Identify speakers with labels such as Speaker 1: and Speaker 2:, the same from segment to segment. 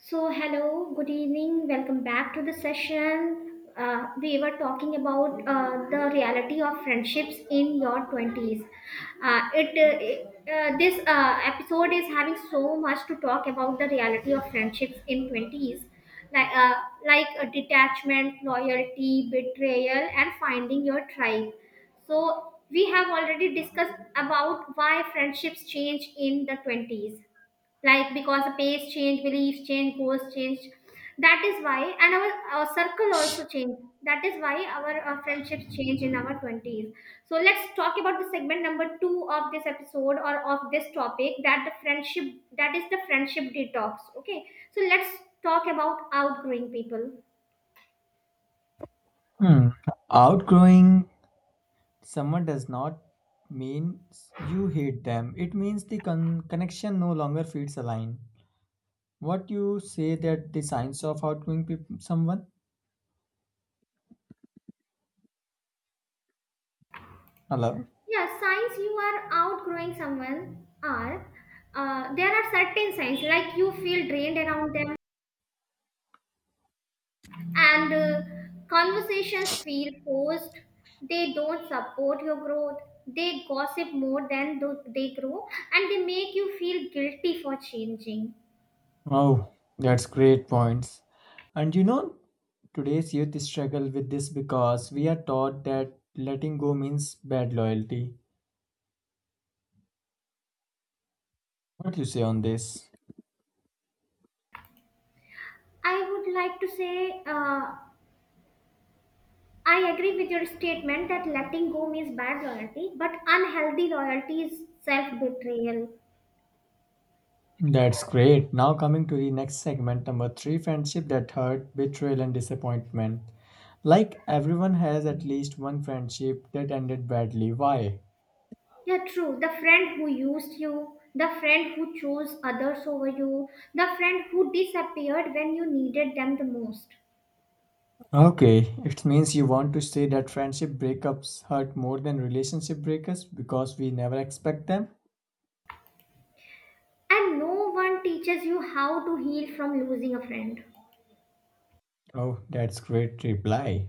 Speaker 1: Hello, good evening, welcome back to the session. We were talking about the reality of friendships in your 20s. This episode is having so much to talk about the reality of friendships in 20s, like, uh, like detachment, loyalty, betrayal, and finding your tribe. So, we have already discussed about why friendships change in the 20s, like because the pace change, beliefs change, goals change, that is why, and our circle also change, that is why our friendships change in our 20s. So let's talk about the segment number two of this episode, or of this topic, that the friendship, that is the friendship detox. Okay, so let's talk about outgrowing people.
Speaker 2: Hmm. Outgrowing someone does not mean you hate them. It means the connection no longer feeds a line. What you say that the signs of outgrowing someone? Hello.
Speaker 1: Yeah, signs you are outgrowing someone are, there are certain signs like you feel drained around them, and conversations feel forced, they don't support your growth, they gossip more than they grow, and they make you feel guilty for changing.
Speaker 2: Oh, that's great points. And you know, today's youth struggle with this because we are taught that letting go means bad loyalty. What you say on this?
Speaker 1: I would like to say I agree with your statement that letting go means bad loyalty, but unhealthy loyalty is self-betrayal.
Speaker 2: That's great. Now coming to the next segment, number three, friendship that hurt, betrayal, and disappointment. Like everyone has at least one friendship that ended badly. Why?
Speaker 1: Yeah, true. The friend who used you, the friend who chose others over you, the friend who disappeared when you needed them the most.
Speaker 2: Okay, it means you want to say that friendship breakups hurt more than relationship breakups because we never expect them?
Speaker 1: And no one teaches you how to heal from losing a friend.
Speaker 2: Oh, that's great reply.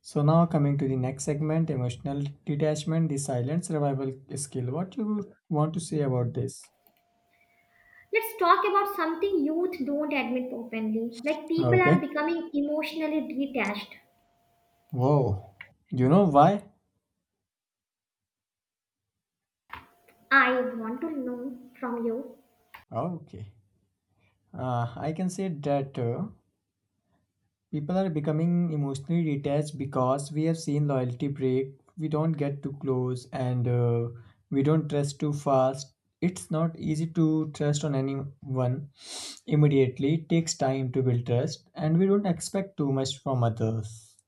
Speaker 2: So now coming to the next segment, emotional detachment, the silent survival skill. What you want to say about this?
Speaker 1: Let's talk about something youth don't admit openly. Like people
Speaker 2: Okay.
Speaker 1: are becoming emotionally detached.
Speaker 2: Whoa. You know why?
Speaker 1: I want to know from you.
Speaker 2: Okay. I can say that. People are becoming emotionally detached because we have seen loyalty break. We don't get too close and we don't trust too fast. It's not easy to trust on anyone immediately. It takes time to build trust and we don't expect too much from others.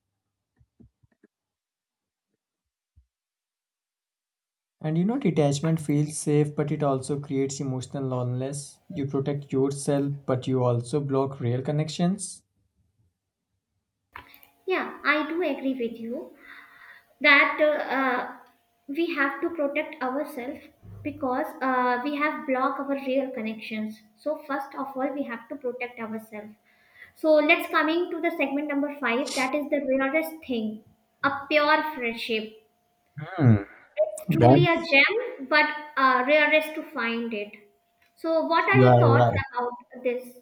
Speaker 2: And you know, detachment feels safe, but it also creates emotional loneliness. You protect yourself, but you also block real connections.
Speaker 1: Yeah, I do agree with you that we have to protect ourselves, because we have blocked our real connections. So first of all, we have to protect ourselves. So let's coming to the segment number five. That is the rarest thing, a pure friendship.
Speaker 2: Hmm,
Speaker 1: It's truly a
Speaker 2: that's
Speaker 1: gem, but rarest to find it. So, what are
Speaker 2: you are
Speaker 1: your thoughts
Speaker 2: right.
Speaker 1: about this?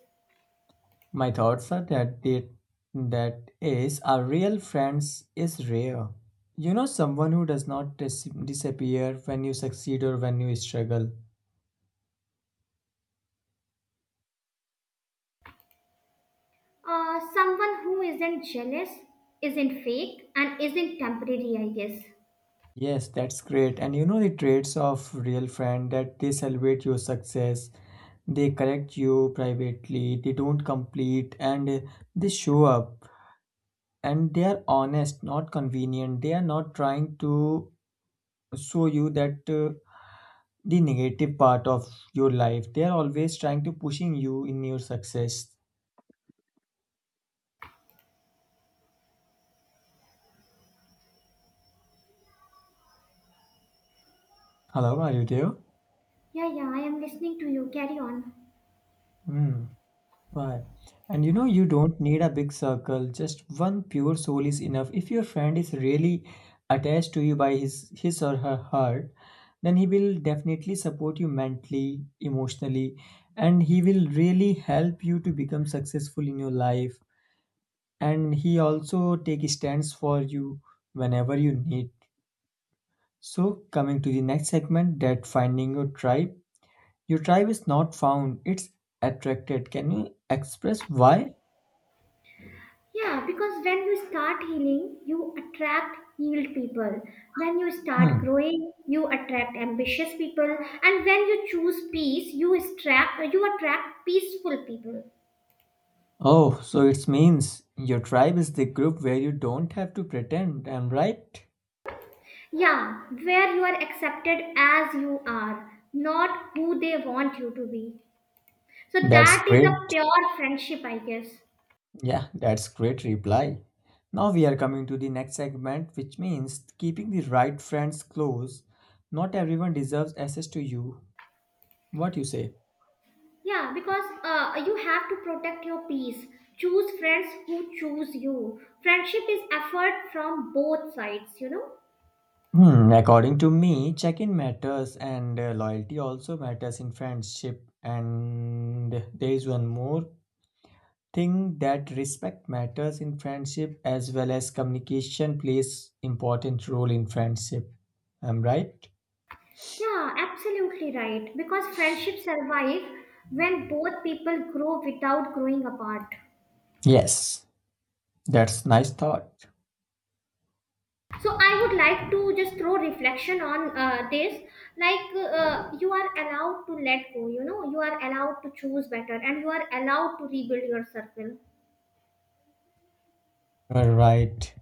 Speaker 2: My thoughts are that that is a real friends is rare. You know someone who does not disappear when you succeed or when you struggle.
Speaker 1: Someone who isn't jealous, isn't fake, and isn't temporary, I guess.
Speaker 2: Yes, that's great. And you know the traits of real friend that they celebrate your success, they correct you privately, they don't complete and they show up and they are honest, not convenient. They are not trying to show you that the negative part of your life. They are always trying to pushing you in your success. Hello, are you there?
Speaker 1: Yeah, yeah, I am listening to you. Carry on.
Speaker 2: Hmm. Why? And you know you don't need a big circle. Just one pure soul is enough. If your friend is really attached to you by his or her heart, then he will definitely support you mentally, emotionally, and he will really help you to become successful in your life. And he also take stands for you whenever you need. So, coming to the next segment, that finding your tribe. Your tribe is not found, it's attracted. Can you express why?
Speaker 1: Yeah, because when you start healing, you attract healed people. When you start
Speaker 2: Hmm.
Speaker 1: growing, you attract ambitious people. And when you choose peace, you attract peaceful people.
Speaker 2: Oh, so it means your tribe is the group where you don't have to pretend. I'm right.
Speaker 1: Yeah, where you are accepted as you are, not who they want you to be. So
Speaker 2: That's
Speaker 1: that is
Speaker 2: great.
Speaker 1: a pure friendship, I guess.
Speaker 2: Yeah, that's great reply. Now we are coming to the next segment, which means keeping the right friends close. Not everyone deserves access to you. What you say?
Speaker 1: Yeah, because you have to protect your peace. Choose friends who choose you. Friendship is effort from both sides, you know?
Speaker 2: Hmm, according to me, check-in matters and loyalty also matters in friendship. And there is one more thing that respect matters in friendship as well as communication plays important role in friendship. I'm right?
Speaker 1: Yeah, absolutely right. Because friendships survive when both people grow without growing apart.
Speaker 2: Yes, that's nice thought.
Speaker 1: So I would like to just throw reflection on this, like you are allowed to let go, you know, you are allowed to choose better, and you are allowed to rebuild your circle.
Speaker 2: All right.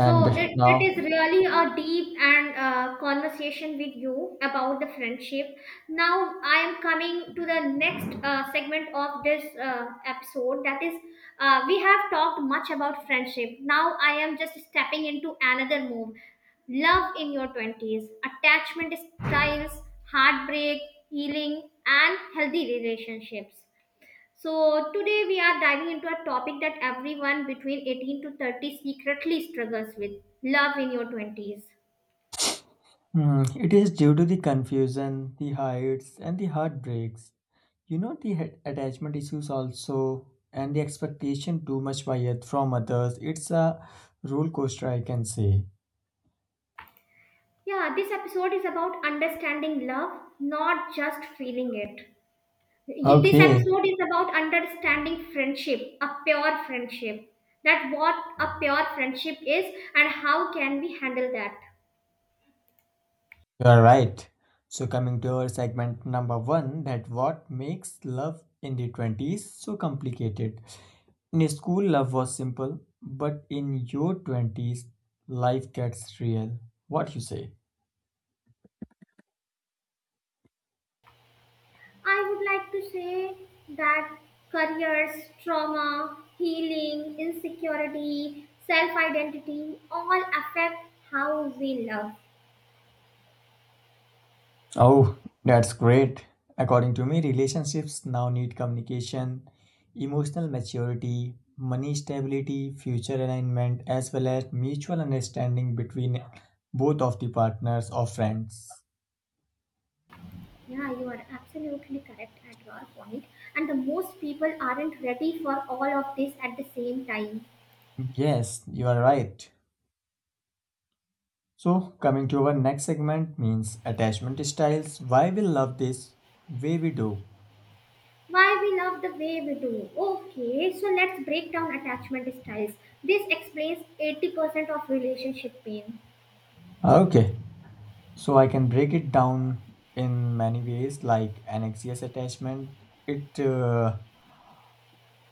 Speaker 1: So it is
Speaker 2: now,
Speaker 1: really a deep and conversation with you about the friendship. Now I am coming to the next segment of this episode. That is, we have talked much about friendship. Now I am just stepping into another move. Love in your twenties, attachment styles, heartbreak, healing, and healthy relationships. So today we are diving into a topic that everyone between 18 to 30 secretly struggles with, love in your 20s.
Speaker 2: hmm, it is due to the confusion, the heights, and the heartbreaks you know the attachment issues also and the expectation too much by from others it's a roller coaster I can say.
Speaker 1: Yeah, this episode is about understanding love, not just feeling it. This
Speaker 2: Okay, you
Speaker 1: episode is about understanding friendship, a pure friendship. That what a pure friendship is and how can we handle that.
Speaker 2: are right. So coming to our segment number one, that what makes love in the 20s so complicated. In school love was simple but in your 20s life gets real. What you say?
Speaker 1: I would like to say that careers, trauma, healing, insecurity, self identity all affect how we love.
Speaker 2: Oh, that's great. According to me, relationships now need communication, emotional maturity, money stability, future alignment, as well as mutual understanding between both of the partners or friends.
Speaker 1: Yeah, you are absolutely correct at your point. And the most people aren't ready for all of this at the same time.
Speaker 2: Yes, you are right. So, coming to our next segment means attachment styles. Why we love this way we do.
Speaker 1: Why we love the way we do. Okay, so let's break down attachment styles. This explains 80% of relationship pain.
Speaker 2: Okay, so I can break it down in many ways, like anxious attachment. It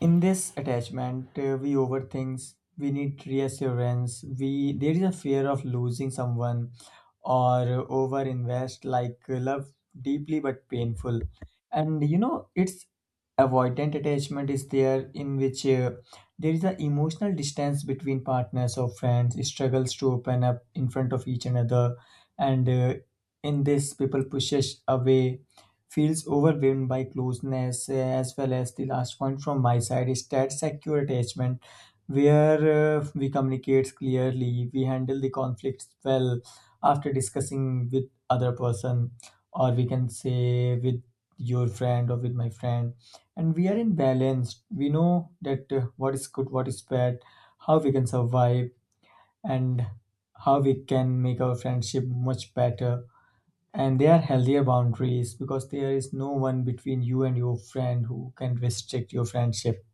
Speaker 2: In this attachment we overthink, we need reassurance, we there is a fear of losing someone or over invest like love deeply but painful. And you know it's avoidant attachment is there, in which there is an emotional distance between partners or friends, struggles to open up in front of each another, and in this people pushes away, feels overwhelmed by closeness, as well as the last point from my side is that secure attachment, where we communicate clearly, we handle the conflicts well after discussing with other person, or we can say with your friend or with my friend, and we are in balance. We know that what is good, what is bad, how we can survive, and how we can make our friendship much better, and they are healthier boundaries because there is no one between you and your friend who can restrict your friendship.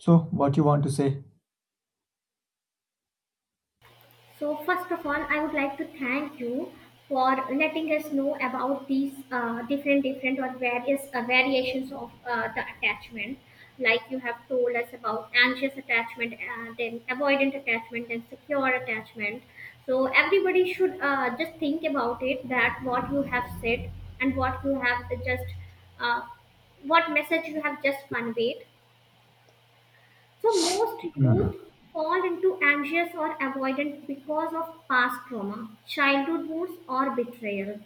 Speaker 2: So what you want to say?
Speaker 1: So first of all, I would like to thank you for letting us know about these different, different or various variations of the attachment. Like you have told us about anxious attachment, then avoidant attachment, then secure attachment. So everybody should just think about it, that what you have said and what you have just uh, what message you have just conveyed. So, most
Speaker 2: Hmm.
Speaker 1: youth fall into anxious or avoidant because of past trauma, childhood wounds, or betrayal.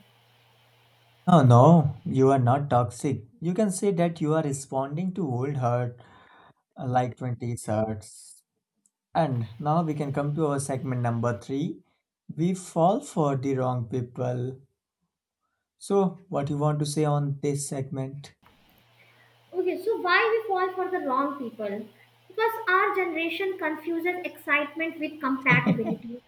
Speaker 2: Oh no, you are not toxic. You can say that you are responding to old hurt like 20s hurts. And now we can come to our segment number three. We fall for the wrong people. So, what you want to say on this segment?
Speaker 1: Okay, so why we fall for the wrong people? Because our generation confuses excitement with compatibility.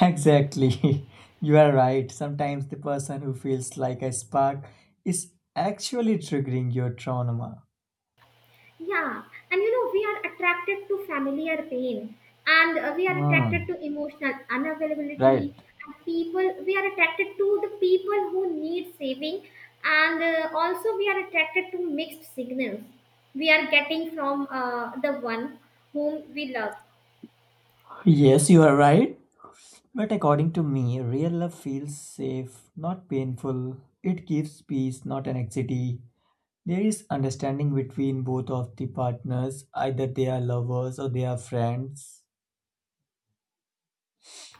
Speaker 2: Exactly. You are right. Sometimes the person who feels like a spark is actually triggering your trauma.
Speaker 1: Yeah, and you know, we are attracted to familiar pain, and we are attracted
Speaker 2: Hmm.
Speaker 1: to emotional
Speaker 2: Right.
Speaker 1: unavailability, and people, we are attracted to the people who need saving, and also we are attracted to mixed signals we are getting from the one whom we love.
Speaker 2: Yes, you are right. But according to me, real love feels safe, not painful. It gives peace, not anxiety. There is understanding between both of the partners, either they are lovers or they are friends.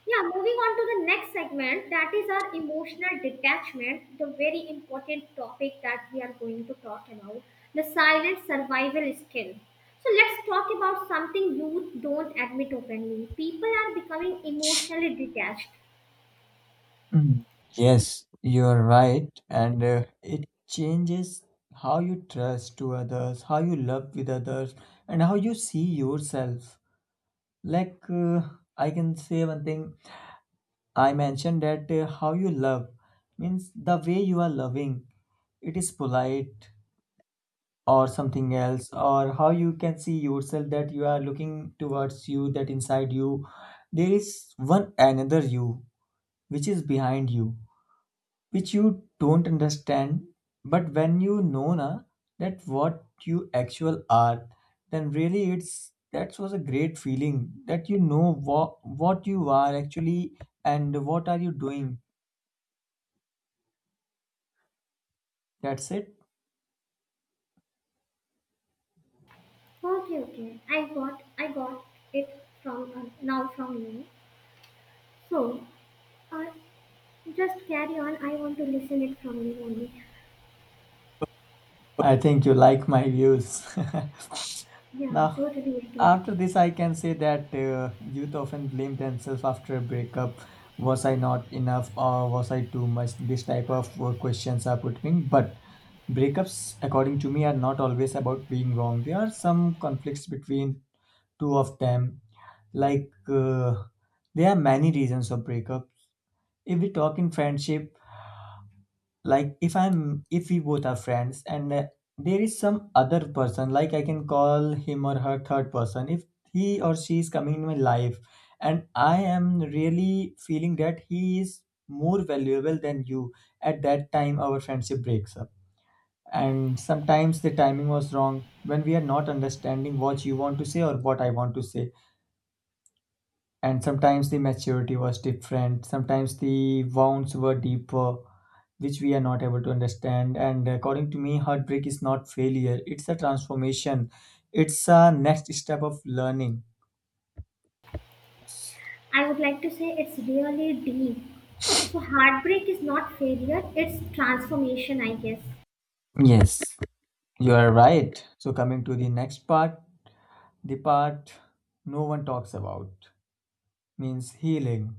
Speaker 1: Yeah, moving on to the next segment, that is our emotional detachment, the very important topic that we are going to talk about, the silent survival skill. So let's talk about something you don't admit openly. People are becoming emotionally detached.
Speaker 2: Mm. Yes, you're right. And it changes how you trust to others, how you love with others, and how you see yourself. Like, I can say one thing I mentioned that how you love means the way you are loving, it is polite or something else, or how you can see yourself, that you are looking towards you, that inside you, there is one another you which is behind you, which you don't understand, but when you know na, that what you actual are, then really it's, that was a great feeling, that you know what you are actually and what are you doing. That's it.
Speaker 1: Okay, okay, I got it from now from you. So, uh, just carry on. I want to listen it from you only.
Speaker 2: I think you like my views.
Speaker 1: Yeah,
Speaker 2: Now
Speaker 1: totally agree.
Speaker 2: after this, I can say that youth often blame themselves after a breakup. Was I not enough or was I too much? This type of questions are put in. But breakups, according to me, are not always about being wrong. There are some conflicts between two of them. Like there are many reasons of breakup. If we talk in friendship, like if we both are friends and there is some other person, like I can call him or her third person, if he or she is coming in my life and I am really feeling that he is more valuable than you, at that time our friendship breaks up. And sometimes the timing was wrong, when we are not understanding what you want to say or what I want to say. And sometimes the maturity was different, sometimes the wounds were deeper, which we are not able to understand. And according to me, heartbreak is not failure, it's a transformation. It's a next step of learning.
Speaker 1: I would like to say it's really deep. So, heartbreak is not failure, it's transformation, I guess.
Speaker 2: Yes, you are right. So coming to the next part, the part no one talks about, means healing.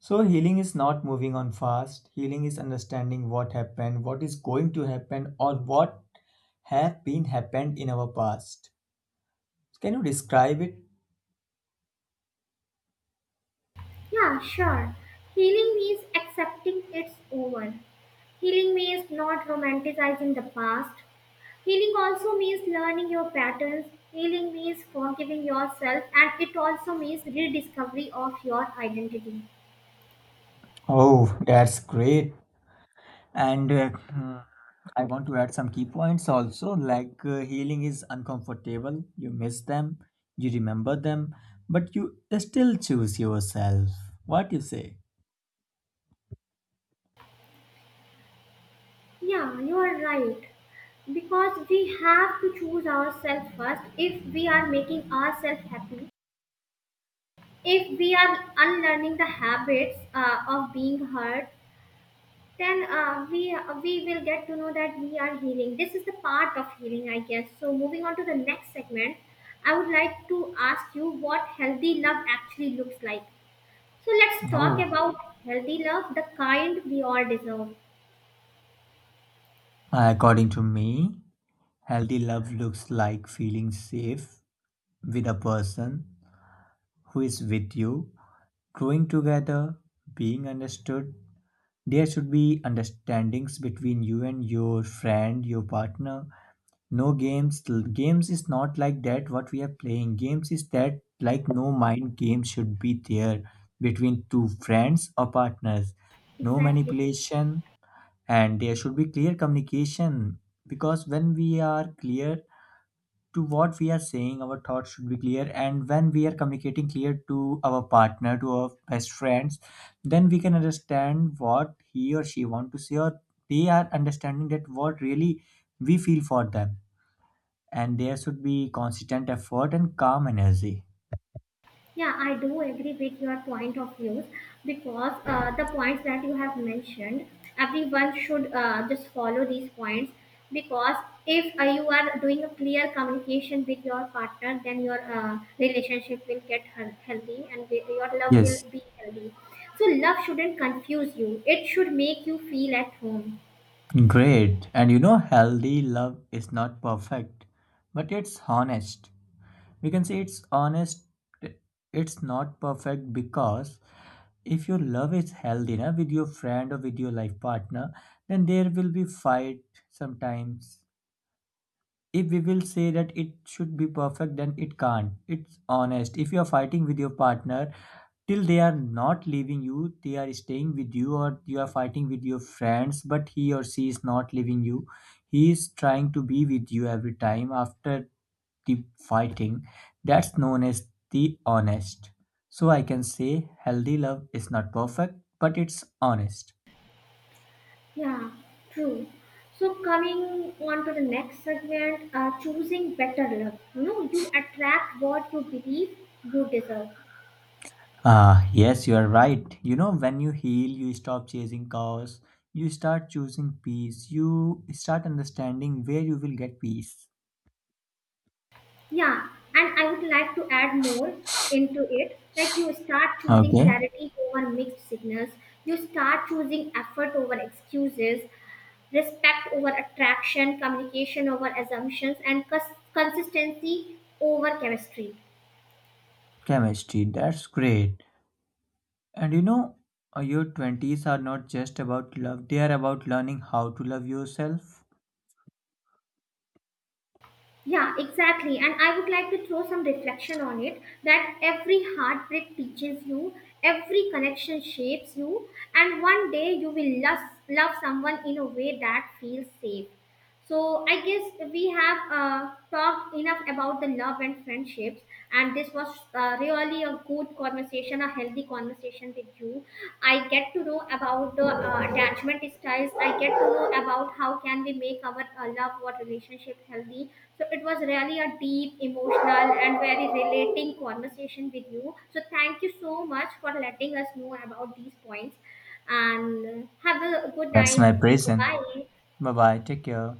Speaker 2: So healing is not moving on fast. Healing is understanding what happened, what is going to happen, or what have been happened in our past. Can you describe it?
Speaker 1: Yeah, sure. Healing means accepting it's over. Healing means not romanticizing the past. Healing also means learning your patterns. Healing means forgiving yourself, and it also means rediscovery of your identity.
Speaker 2: Oh, that's great. And hmm, I want to add some key points also. Like healing is uncomfortable. You miss them, you remember them, but you still choose yourself. What you say?
Speaker 1: Yeah, you are right. Because we have to choose ourselves first if we are making ourselves happy. If we are unlearning the habits of being hurt, then we will get to know that we are healing. This is the part of healing, I guess. So moving on to the next segment, I would like to ask you what healthy love actually looks like. So let's talk
Speaker 2: Oh,
Speaker 1: about healthy love, the kind we all deserve.
Speaker 2: according to me, healthy love looks like feeling safe with a person who is with you, growing together, being understood. There should be understandings between you and your friend, your partner. No games. Games is not like that what we are playing. Games is that like no mind game should be there between two friends or partners. No
Speaker 1: Exactly.
Speaker 2: manipulation, and there should be clear communication, because when we are clear to what we are saying, our thoughts should be clear. And when we are communicating clear to our partner, to our best friends, then we can understand what he or she want to say, or they are understanding that what really we feel for them. And there should be consistent effort and calm energy.
Speaker 1: Yeah, I do agree with your point of views because the points that you have mentioned, everyone should just follow these points, because if you are doing a clear communication with your partner, then your relationship will get healthy, and your love will
Speaker 2: Yes,
Speaker 1: be healthy. So, love shouldn't confuse you, it should make you feel at home.
Speaker 2: great. And you know, healthy love is not perfect, but it's honest. We can say it's honest, it's not perfect, because if your love is healthy na, with your friend or with your life partner, then there will be fight sometimes. If we will say that it should be perfect, then it can't. It's honest if you are fighting with your partner, till they are not leaving you, they are staying with you. Or you are fighting with your friends but he or she is not leaving you, he is trying to be with you every time after the fighting. That's known as the honest. So I can say healthy love is not perfect, but it's honest.
Speaker 1: Yeah, true. So coming on to the next segment, choosing better love. You know, you attract what you believe you deserve.
Speaker 2: Ah, yes, you are right. You know, when you heal, you stop chasing chaos, you start choosing peace, you start understanding where you will get peace.
Speaker 1: Yeah, and I would like to add more into it. Like you start choosing
Speaker 2: Okay,
Speaker 1: clarity over mixed signals. You start choosing effort over excuses, respect over attraction, communication over assumptions, and consistency over chemistry.
Speaker 2: chemistry, that's great. And you know, your 20s are not just about love, they are about learning how to love yourself.
Speaker 1: Yeah, exactly. And I would like to throw some reflection on it, that every heartbreak teaches you, every connection shapes you, and one day you will love someone in a way that feels safe. So I guess we have talked enough about the love and friendships, and this was really a good conversation, a healthy conversation with you. I get to know about the attachment styles. I get to know about how can we make our love or relationship healthy. So it was really a deep, emotional, and very relating conversation with you. So thank you so much for letting us know about these points. And have a good
Speaker 2: That's
Speaker 1: night.
Speaker 2: my present.
Speaker 1: Bye.
Speaker 2: Bye bye, take care.